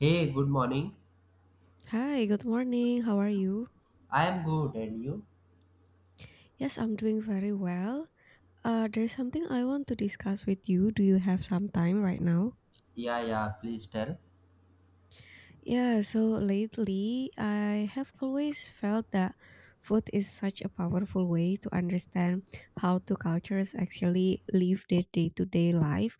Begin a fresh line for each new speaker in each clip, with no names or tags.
Hey, good morning.
Hi, good morning. How are you?
I am good, and you?
Yes, I'm doing very well. There's something I want to discuss with you. Do you have some time right now?
Yeah, yeah, please tell.
Yeah, so lately I have always felt that food is such a powerful way to understand how two cultures actually live their day to day life.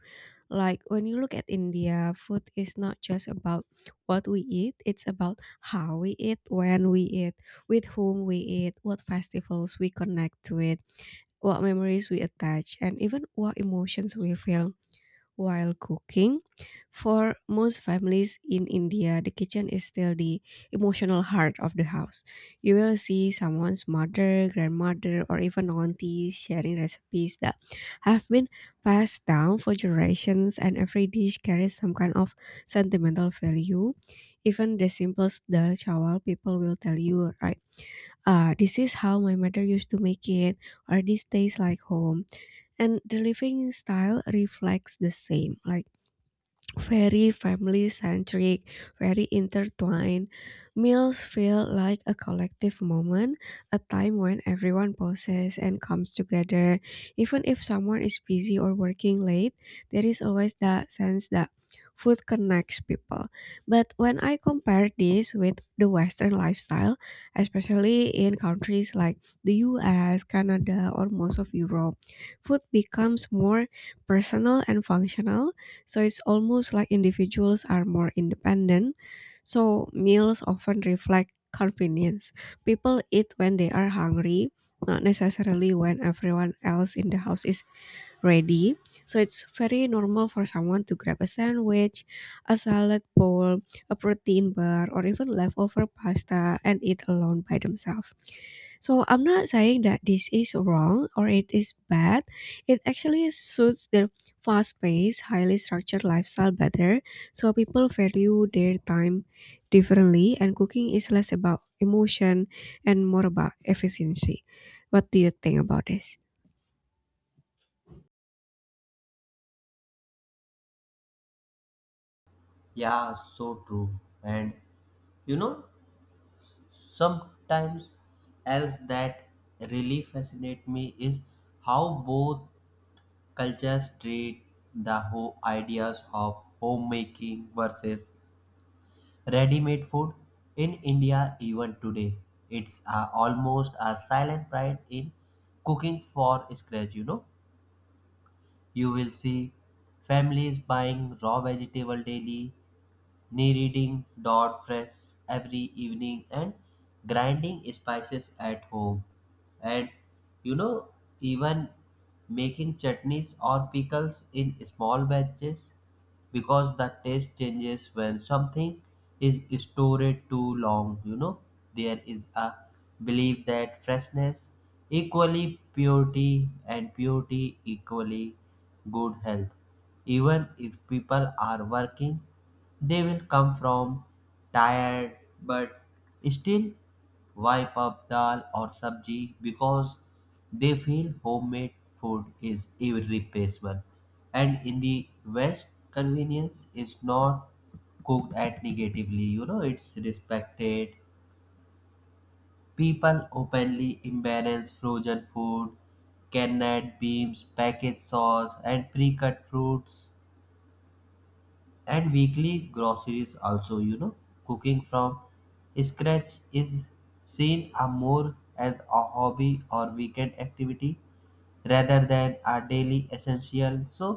Like when you look at India, food is not just about what we eat, it's about how we eat, when we eat, with whom we eat, what festivals we connect to it, what memories we attach, and even what emotions we feel while cooking. For most families in India, the kitchen is still the emotional heart of the house. You will see someone's mother, grandmother, or even aunties sharing recipes that have been passed down for generations, and every dish carries some kind of sentimental value. Even the simplest dal chawal people will tell you, "Right, ah, this is how my mother used to make it, or this tastes like home." And the living style reflects the same. Like very family centric, very intertwined. Meals feel like a collective moment, a time when everyone pauses and comes together. Even if someone is busy or working late, there is always that sense that food connects people. But when I compare this with the Western lifestyle, especially in countries like the US, Canada, or most of Europe, food becomes more personal and functional, so it's almost like individuals are more independent. So meals often reflect convenience. People eat when they are hungry, not necessarily when everyone else in the house is ready. So it's very normal for someone to grab a sandwich, a salad bowl, a protein bar, or even leftover pasta and eat alone by themselves. So I'm not saying that this is wrong or it is bad. It actually suits their fast-paced, highly structured lifestyle better. So people value their time differently, and cooking is less about emotion and more about efficiency. What do you think about this?
Yeah, so true. And you know, sometimes else that really fascinate me is how both cultures treat the whole ideas of homemaking versus ready-made food in India even today. It's almost a silent pride in cooking for scratch, you know. You will see families buying raw vegetable daily, kneading dough fresh every evening and grinding spices at home, and you know, even making chutneys or pickles in small batches because the taste changes when something is stored too long. You know, there is a belief that freshness equally purity and purity equally good health. Even if people are working, they will come from tired but still wipe up dal or sabji because they feel homemade food is irreplaceable. And in the West, convenience is not cooked at negatively, you know, it's respected. People openly embrace frozen food, canned beans, packaged sauce, and pre cut fruits and weekly groceries also. You know, cooking from scratch is seen a more as a hobby or weekend activity rather than a daily essential. So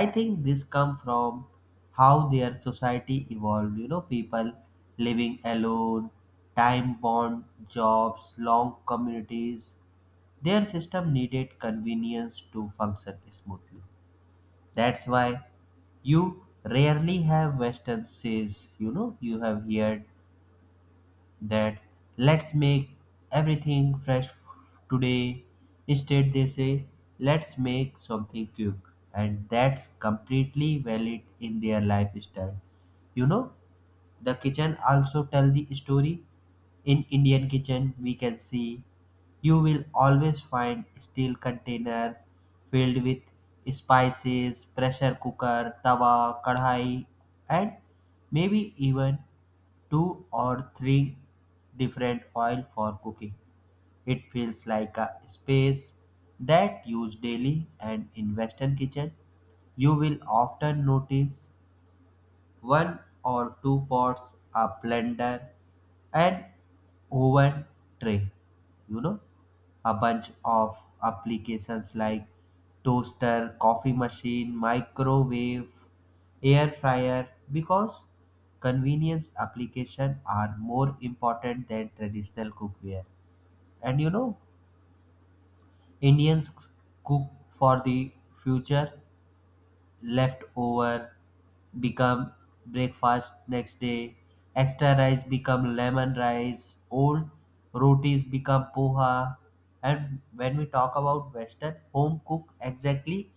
I think this come from how their society evolved. You know, people living alone, time bound jobs, long communities, their system needed convenience to function smoothly. That's why you rarely have Western says, you know, you have heard that let's make everything fresh today. Instead, they say let's make something quick, and that's completely valid in their lifestyle. You know, the kitchen also tell the story. In Indian kitchen, we can see you will always find steel containers filled with spices, pressure cooker, tawa, kadhai, and maybe even two or three different oil for cooking. It feels like a space that used daily. And in Western kitchen you will often notice one or two pots, a blender, an oven tray. You know, a bunch of applications like toaster, coffee machine, microwave, air fryer because convenience application are more important than traditional cookware. And you know, Indians cook for the future. Left over become breakfast next day. Extra rice become lemon rice. Old rotis become poha. And when we talk about Western, home cook exactly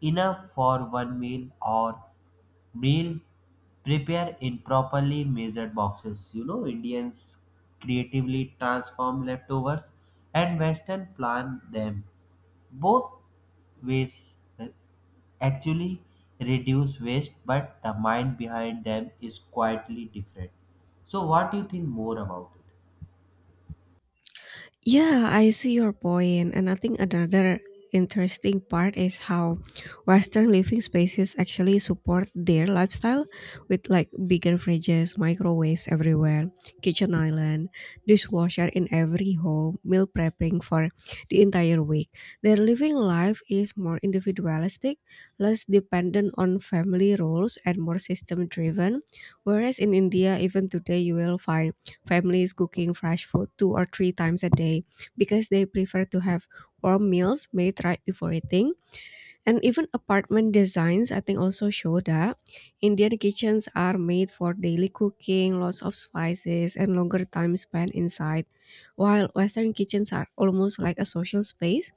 enough for one meal or meal prepare in properly measured boxes. You know, Indians creatively transform leftovers and Western plan them. Both ways actually reduce waste, but the mind behind them is quietly different. So, what do you think more about it?
Yeah, I see your point, and I think another interesting part is how Western living spaces actually support their lifestyle, with like bigger fridges, microwaves everywhere, kitchen island, dishwasher in every home, meal prepping for the entire week. Their living life is more individualistic, less dependent on family roles, and more system driven. Whereas in India, even today, you will find families cooking fresh food two or three times a day because they prefer to have warm meals made right before eating. And even apartment designs, I think, also show that Indian kitchens are made for daily cooking, lots of spices, and longer time spent inside, while Western kitchens are almost like a social space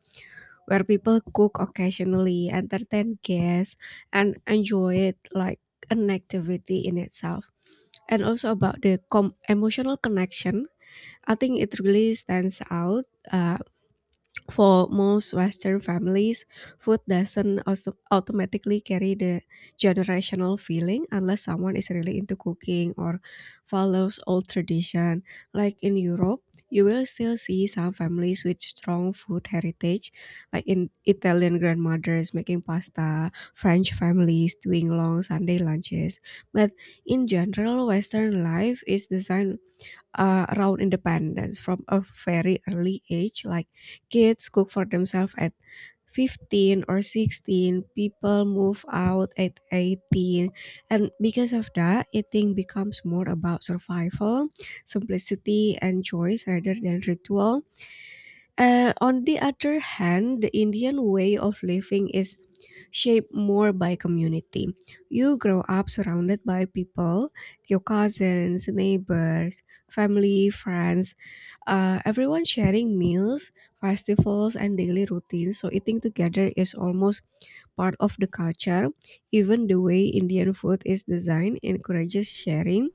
where people cook occasionally, entertain guests, and enjoy it like an activity in itself. And also about the emotional connection, I think it really stands out. Uh, for most Western families, food doesn't automatically carry the generational feeling unless someone is really into cooking or follows old tradition. Like in Europe, you will still see some families with strong food heritage, like in Italian grandmothers making pasta, French families doing long Sunday lunches. But in general, Western life is designed around independence from a very early age. Like kids cook for themselves at 15 or 16, people move out at 18. And because of that, eating becomes more about survival, simplicity, and choice rather than ritual. On the other hand, the Indian way of living is shaped more by community. You grow up surrounded by people, your cousins, neighbors, family, friends, everyone sharing meals, festivals, and daily routines. So eating together is almost part of the culture. Even the way Indian food is designed encourages sharing,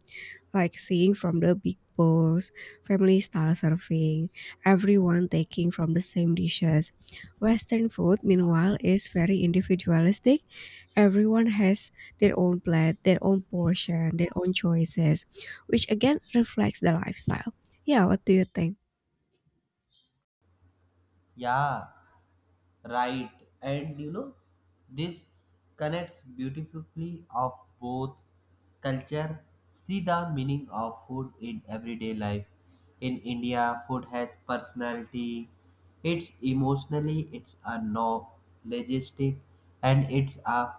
like seeing from the big bowls, family style serving, everyone taking from the same dishes. Western food, meanwhile, is very individualistic. Everyone has their own plate, their own portion, their own choices, which again reflects the lifestyle. Yeah, what do you think?
Yeah, right. And you know, this connects beautifully of both culture. See the meaning of food in everyday life. In India, food has personality. It's emotionally, it's a logistic, and it's a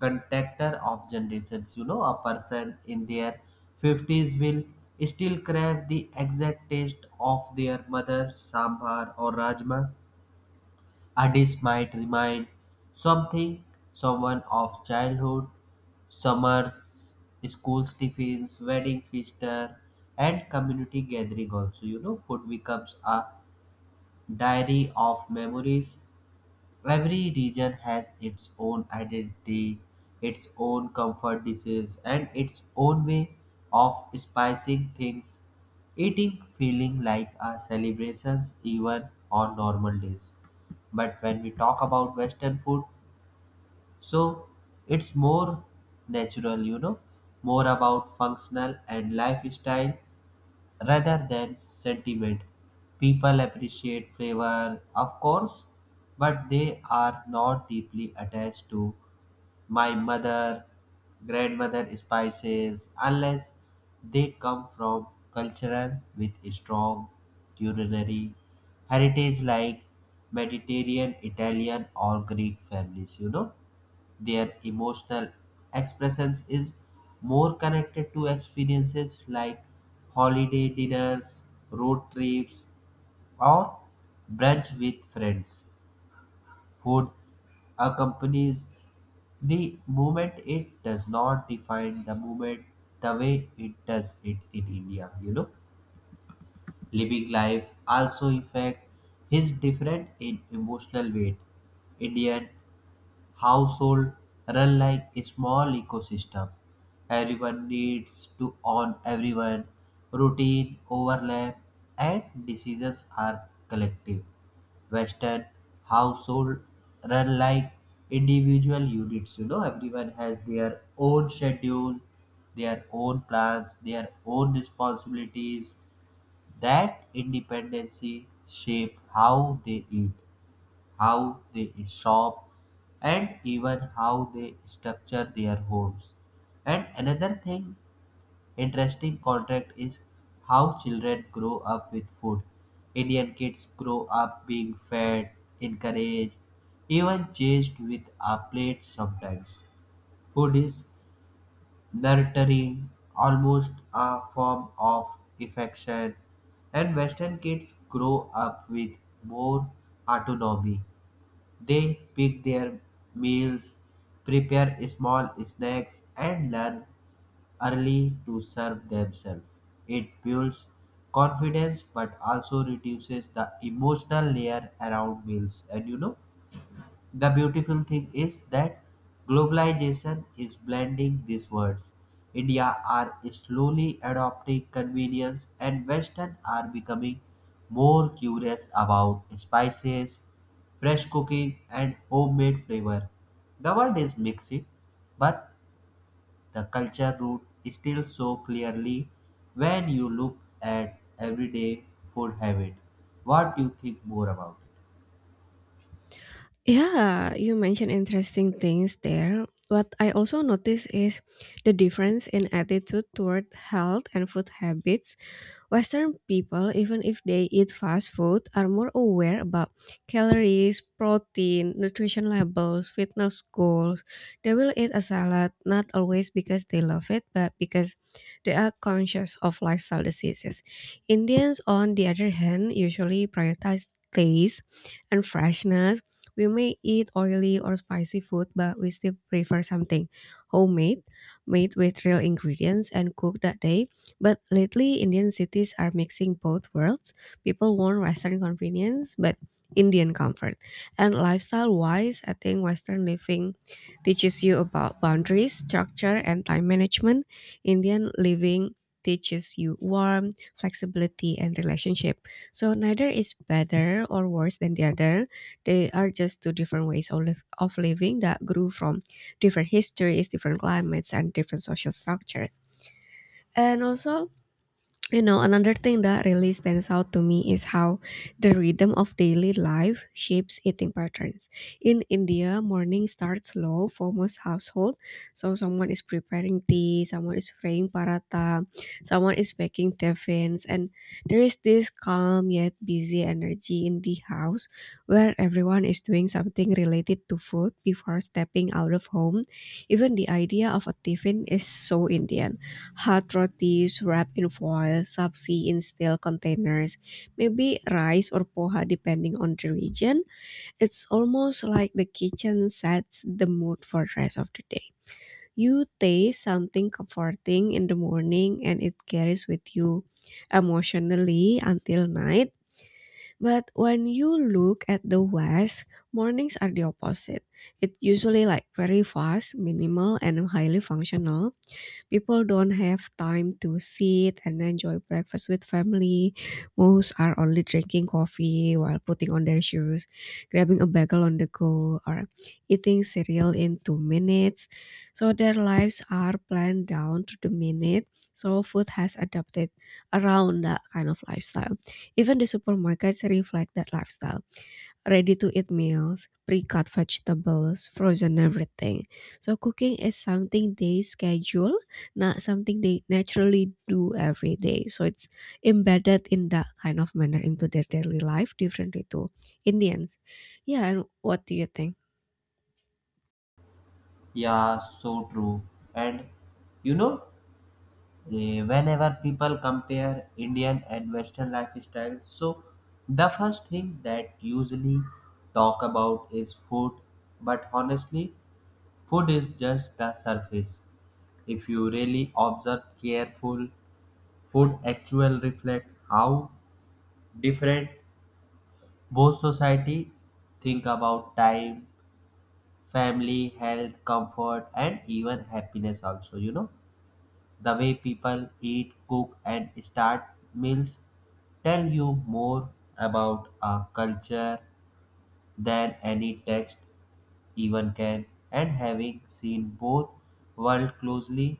contactor of generations. You know, a person in their 50s will still crave the exact taste of their mother sambar or rajma. A dish might remind something, someone of childhood, summers, schools tiffins, wedding feaster, and community gathering also. You know, food becomes a diary of memories. Every region has its own identity, its own comfort dishes, and its own way of spicing things. Eating feeling like a celebration even on normal days. But when we talk about Western food, so it's more natural, you know, more about functional and lifestyle rather than sentiment. People appreciate flavor, of course, but they are not deeply attached to my mother, grandmother spices unless they come from cultural with strong culinary heritage like Mediterranean, Italian, or Greek families, you know. Their emotional expressions is more connected to experiences like holiday dinners, road trips, or brunch with friends. Food accompanies the movement, it does not define the movement the way it does it in India, you know. Living life also affect his different in emotional weight. Indian household run like a small ecosystem. Everyone needs to own everyone. Routine overlap and decisions are collective. Western household run like individual units. You know, everyone has their own schedule, their own plans, their own responsibilities. That independency shape how they eat, how they shop, and even how they structure their homes. And another thing interesting contract is how children grow up with food. Indian kids grow up being fed, encouraged, even chased with a plate sometimes. Food is nurturing, almost a form of affection, and Western kids grow up with more autonomy. They pick their meals, prepare small snacks, and learn early to serve themselves. It builds confidence but also reduces the emotional layer around meals. And you know, the beautiful thing is that globalization is blending these words. India are slowly adopting convenience and Western are becoming more curious about spices, fresh cooking and homemade flavor. The world is mixing, but the culture root is still so clearly when you look at everyday food habit. What do you think more about it?
Yeah, you mentioned interesting things there. What I also notice is the difference in attitude toward health and food habits. Western people, even if they eat fast food, are more aware about calories, protein, nutrition labels, fitness goals. They will eat a salad not always because they love it, but because they are conscious of lifestyle diseases. Indians, on the other hand, usually prioritize taste and freshness. We may eat oily or spicy food, but we still prefer something homemade, made with real ingredients, and cooked that day. But lately, Indian cities are mixing both worlds. People want Western convenience, but Indian comfort. And lifestyle wise, I think Western living teaches you about boundaries, structure, and time management. Indian living teaches you warmth, flexibility, and relationship. So neither is better or worse than the other. They are just two different ways of living that grew from different histories, different climates, and different social structures. And also, you know, another thing that really stands out to me is how the rhythm of daily life shapes eating patterns. In India, morning starts slow for most household. So someone is preparing tea, someone is frying paratha, someone is baking tiffins, and there is this calm yet busy energy in the house where everyone is doing something related to food before stepping out of home. Even the idea of a tiffin is so Indian. Hot rotis wrapped in foil, sabzi in steel containers, maybe rice or poha depending on the region. It's almost like the kitchen sets the mood for the rest of the day. You taste something comforting in the morning and it carries with you emotionally until night. But when you look at the West, mornings are the opposite. It's usually like very fast, minimal, and highly functional. People don't have time to sit and enjoy breakfast with family. Most are only drinking coffee while putting on their shoes, grabbing a bagel on the go, or eating cereal in 2 minutes. So their lives are planned down to the minute. So food has adapted around that kind of lifestyle. Even the supermarkets reflect that lifestyle, ready-to-eat meals, pre-cut vegetables, frozen everything. So cooking is something they schedule, not something they naturally do every day. So it's embedded in that kind of manner into their daily life, differently to Indians. Yeah, and what do you think?
Yeah, so true. And you know, whenever people compare Indian and Western lifestyles, so the first thing that usually talk about is food. But honestly, food is just the surface. If you really observe careful, food actual reflect how different both society think about time, family, health, comfort, and even happiness. Also, you know. The way people eat, cook, and start meals tell you more about a culture than any text even can. And having seen both world closely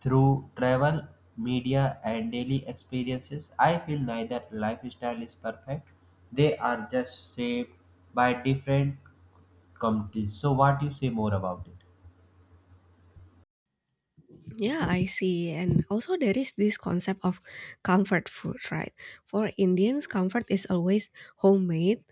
through travel, media, and daily experiences, I feel neither lifestyle is perfect. They are just shaped by different communities. So, what you say more about it?
Yeah, I see. And also, there is this concept of comfort food, right? For Indians, comfort is always homemade,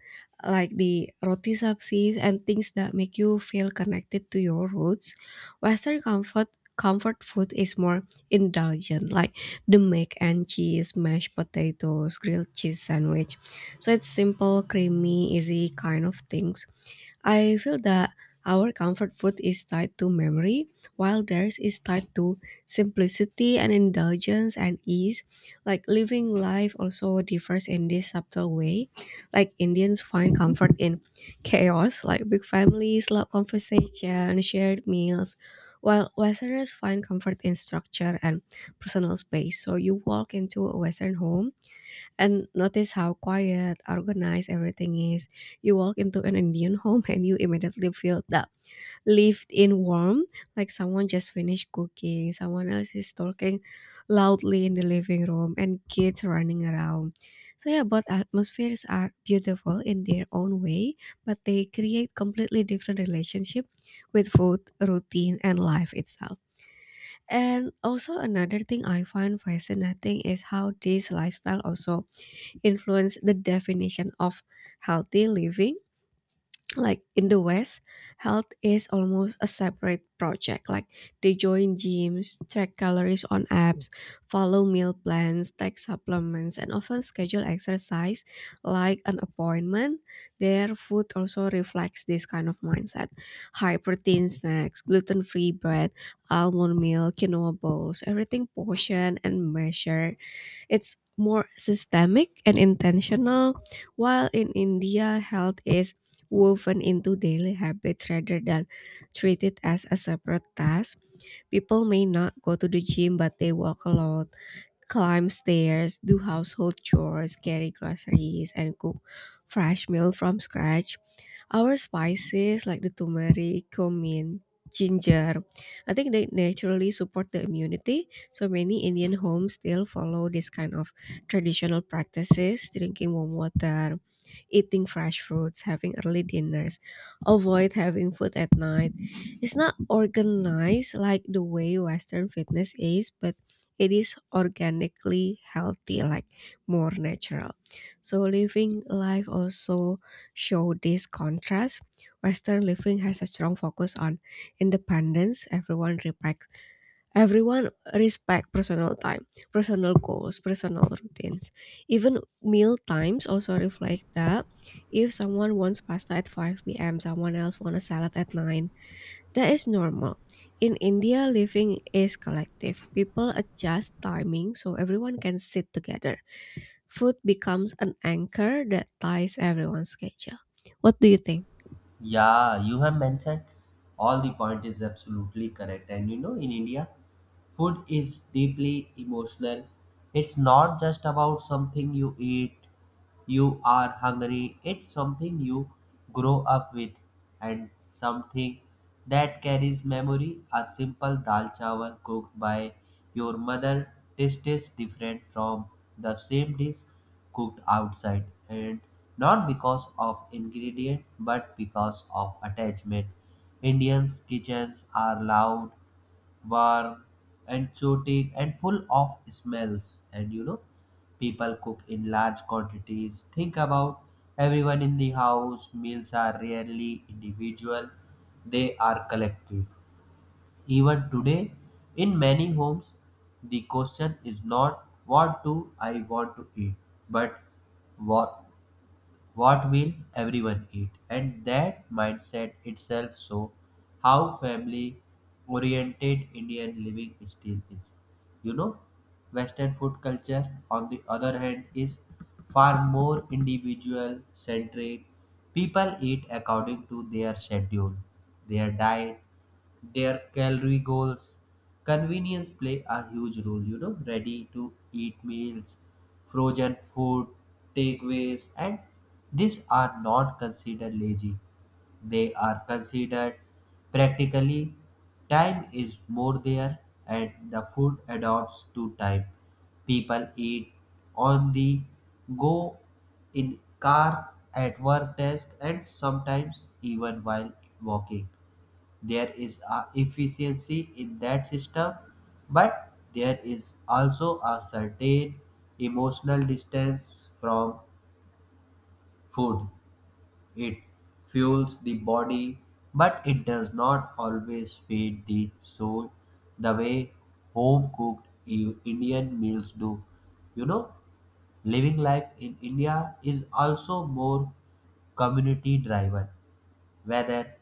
like the roti sabzis and things that make you feel connected to your roots. Western comfort food is more indulgent, like the mac and cheese, mashed potatoes, grilled cheese sandwich. So it's simple, creamy, easy kind of things. I feel that our comfort food is tied to memory, while theirs is tied to simplicity and indulgence and ease. Like living life also differs in this subtle way. Like Indians find comfort in chaos, like big families, loud conversation, shared meals, while Westerners find comfort in structure and personal space. So you walk into a Western home and notice how quiet, organized everything is. You walk into an Indian home and you immediately feel the lived in warmth, like someone just finished cooking, someone else is talking loudly in the living room, and kids running around. So, yeah, both atmospheres are beautiful in their own way, but they create completely different relationship with food, routine, and life itself. And also another thing I find fascinating is how this lifestyle also influence the definition of healthy living. Like in the West, health is almost a separate project. Like they join gyms, track calories on apps, follow meal plans, take supplements, and often schedule exercise like an appointment. Their food also reflects this kind of mindset. High protein snacks, gluten free bread, almond meal, quinoa bowls, everything portioned and measured, it's more systemic and intentional, while in India, health is woven into daily habits rather than treated as a separate task. People may not go to the gym, but they walk a lot, climb stairs, do household chores, carry groceries, and cook fresh meal from scratch. Our spices like the turmeric, cumin, ginger, I think they naturally support the immunity. So many Indian homes still follow this kind of traditional practices, drinking warm water, eating fresh fruits, having early dinners, avoid having food at night. It's not organized like the way Western fitness is, but it is organically healthy, like more natural. So living life also show this contrast. Western living has a strong focus on independence. Everyone respect personal time, personal goals, personal routines. Even meal times also reflect that. If someone wants pasta at 5 p.m., someone else wants a salad at 9. That is normal. In India, living is collective. People adjust timing so everyone can sit together. Food becomes an anchor that ties everyone's schedule. What do you think?
Yeah, you have mentioned all the point is absolutely correct. And you know, in India, food is deeply emotional. It's not just about something you eat, you are hungry, it's something you grow up with and something that carries memory. A simple dal chawal cooked by your mother tastes different from the same dish cooked outside, and not because of ingredient but because of attachment. Indians' kitchens are loud, warm and exotic and full of smells. And you know, people cook in large quantities, think about everyone in the house. Meals are rarely individual, they are collective. Even today in many homes the question is not what do I want to eat, but what what will everyone eat. And that mindset itself so how family oriented Indian living still is. You know, Western food culture on the other hand is far more individual centric. People eat according to their schedule, their diet, their calorie goals. Convenience play a huge role, you know, ready to eat meals, frozen food, takeaways, and these are not considered lazy. They are considered practically. Time is more there, and the food adapts to time. People eat on the go in cars, at work desk, and sometimes even while walking. There is a efficiency in that system, but there is also a certain emotional distance from food. It fuels the body but it does not always feed the soul the way home cooked Indian meals do. You know, living life in India is also more community driven. Whether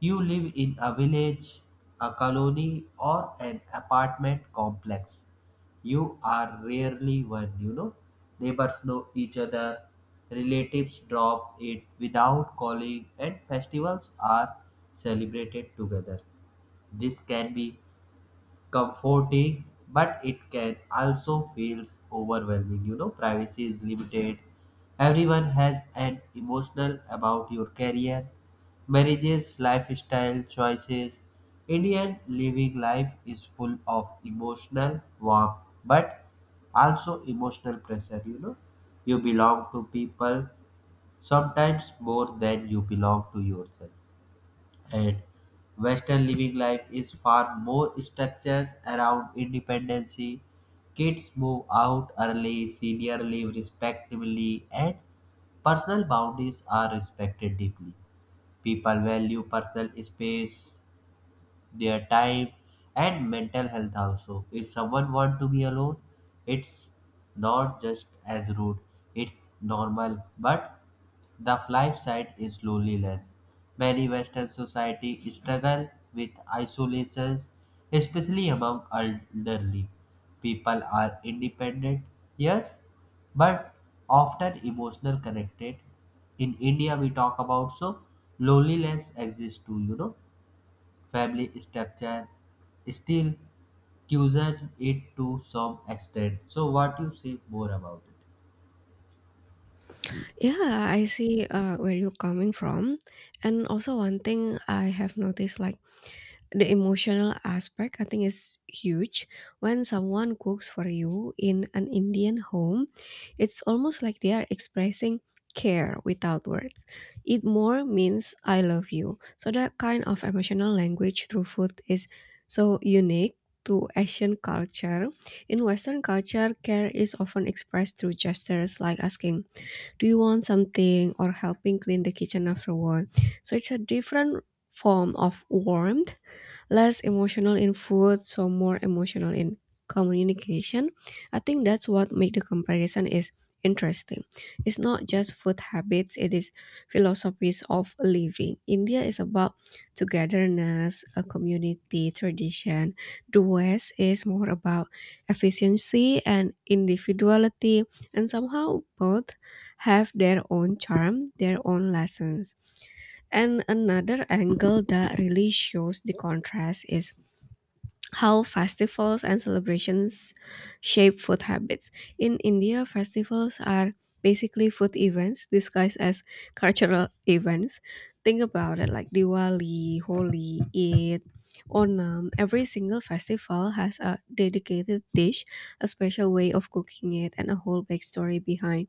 you live in a village, a colony, or an apartment complex, you are rarely one, you know. Neighbors know each other, relatives drop it without calling, and festivals are celebrated together. This can be comforting but it can also feels overwhelming. You know, privacy is limited, everyone has an emotional about your career, marriages, lifestyle choices. Indian living life is full of emotional warmth but also emotional pressure. You know, you belong to people sometimes more than you belong to yourself. And Western living life is far more structured around independency. Kids move out early, senior live respectively, and personal boundaries are respected deeply. People value personal space, their time and mental health also. If someone want to be alone, it's not just as rude, it's normal. But the flip side is loneliness. Many Western society struggle with isolations, especially among elderly. People are independent, yes, but often emotional connected. In India, we talk about so loneliness exists too, you know. Family structure still causes it to some extent. So what you say more about it?
Yeah, I see where you're coming from. And also, one thing I have noticed, like the emotional aspect, I think, is huge. When someone cooks for you in an Indian home, it's almost like they are expressing care without words. Eat more means I love you. So, that kind of emotional language through food is so unique to Asian culture. In Western culture, care is often expressed through gestures like asking, do you want something, or helping clean the kitchen afterward. So, it's a different form of warmth, less emotional in food, so more emotional in communication. I think that's what make the comparison is interesting. It's not just food habits, it is philosophies of living. India is about togetherness, a community, tradition. The West is more about efficiency and individuality, and somehow both have their own charm, their own lessons. And another angle that really shows the contrast is how festivals and celebrations shape food habits. In India, festivals are basically food events disguised as cultural events. Think about it like Diwali, Holi, Eid, Onam. Every single festival has a dedicated dish, a special way of cooking it, and a whole backstory behind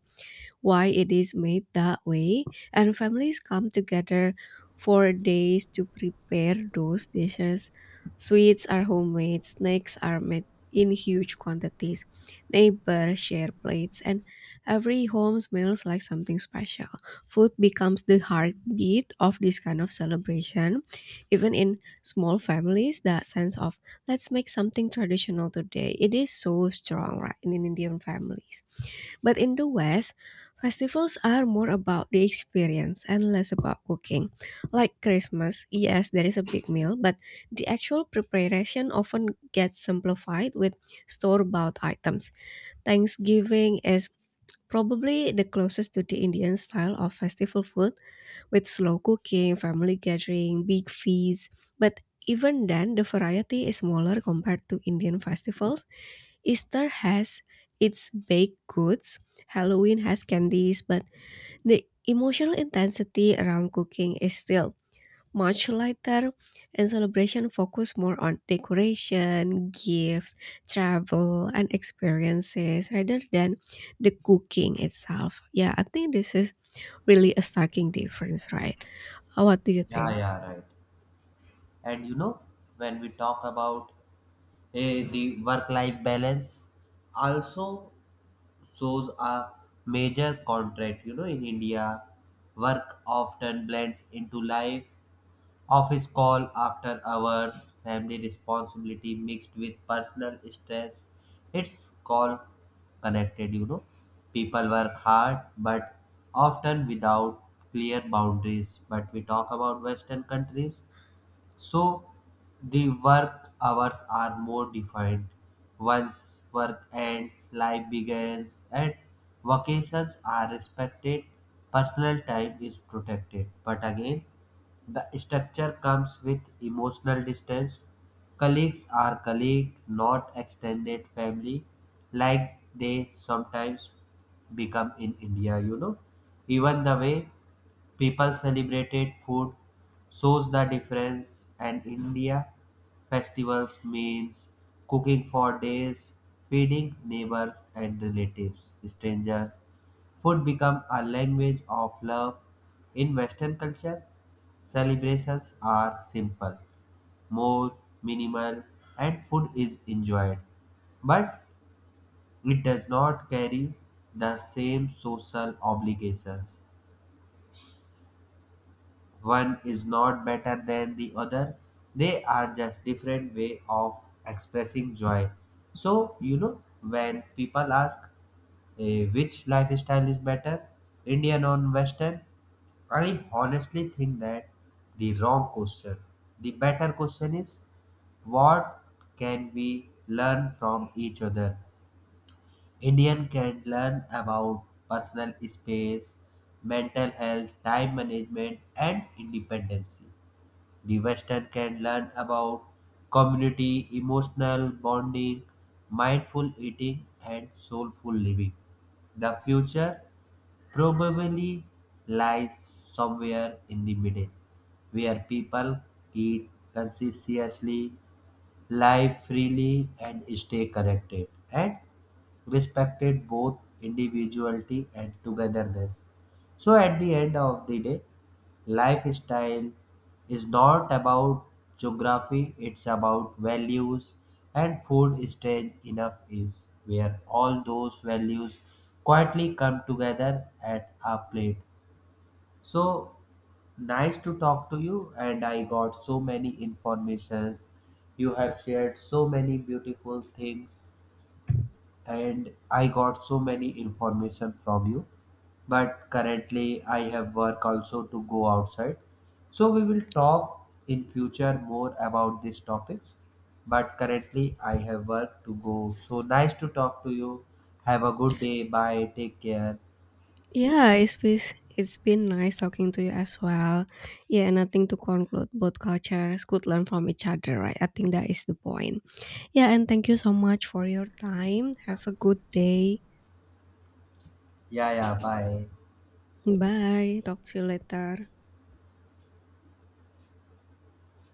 why it is made that way, and families come together for days to prepare those dishes. Sweets are homemade, snacks are made in huge quantities, neighbors share plates, and every home smells like something special. Food becomes the heartbeat of this kind of celebration. Even in small families, that sense of let's make something traditional today, it is so strong, right, in Indian families. But in the West, festivals are more about the experience and less about cooking. Like Christmas, yes, there is a big meal, but the actual preparation often gets simplified with store bought items. Thanksgiving is probably the closest to the Indian style of festival food, with slow cooking, family gathering, big feasts. But even then, the variety is smaller compared to Indian festivals. Easter has its baked goods, Halloween has candies, but the emotional intensity around cooking is still much lighter, and celebration focus more on decoration, gifts, travel, and experiences rather than the cooking itself. Yeah, I think this is really a striking difference, right? What do you
Yeah,
think?
yeah, right. And you know, when we talk about the work-life balance, also shows a major contract. You know, in India, work often blends into life. Office call after hours, family responsibility mixed with personal stress. It's call connected, you know. People work hard but often without clear boundaries. But we talk about Western countries, so the work hours are more defined. Once work ends, life begins, and vacations are respected. Personal time is protected. But again, the structure comes with emotional distance. Colleagues are colleague, not extended family, like they sometimes become in India, you know. Even the way people celebrated food shows the difference, and India festivals means cooking for days, feeding neighbors and relatives, strangers. Food become a language of love. In Western culture, celebrations are simple, more minimal, and food is enjoyed. But it does not carry the same social obligations. One is not better than the other, they are just different way of expressing joy. So you know, when people ask which lifestyle is better, Indian or Western, I honestly think that the wrong question. The better question is what can we learn from each other. Indian can learn about personal space, mental health, time management and independence. The Western can learn about community, emotional bonding, mindful eating, and soulful living. The future probably lies somewhere in the middle, where people eat consciously, live freely and stay connected, and respected both individuality and togetherness. So at the end of the day, lifestyle is not about geography, it's about values, and food is strange enough is where all those values quietly come together at a plate. So nice to talk to you and I got so many informations. You have shared so many beautiful things and I got so many information from you. But currently I have work also to go outside. So we will talk in future more about these topics. But currently I have work to go. So nice to talk to you. Have a good day. Bye. Take care.
Yeah, it's been nice talking to you as well. Yeah, and I think to conclude, both cultures could learn from each other, right? I think that is the point. Yeah, and thank you so much for your time. Have a good day.
Yeah, yeah. Bye.
Bye. Talk to you later.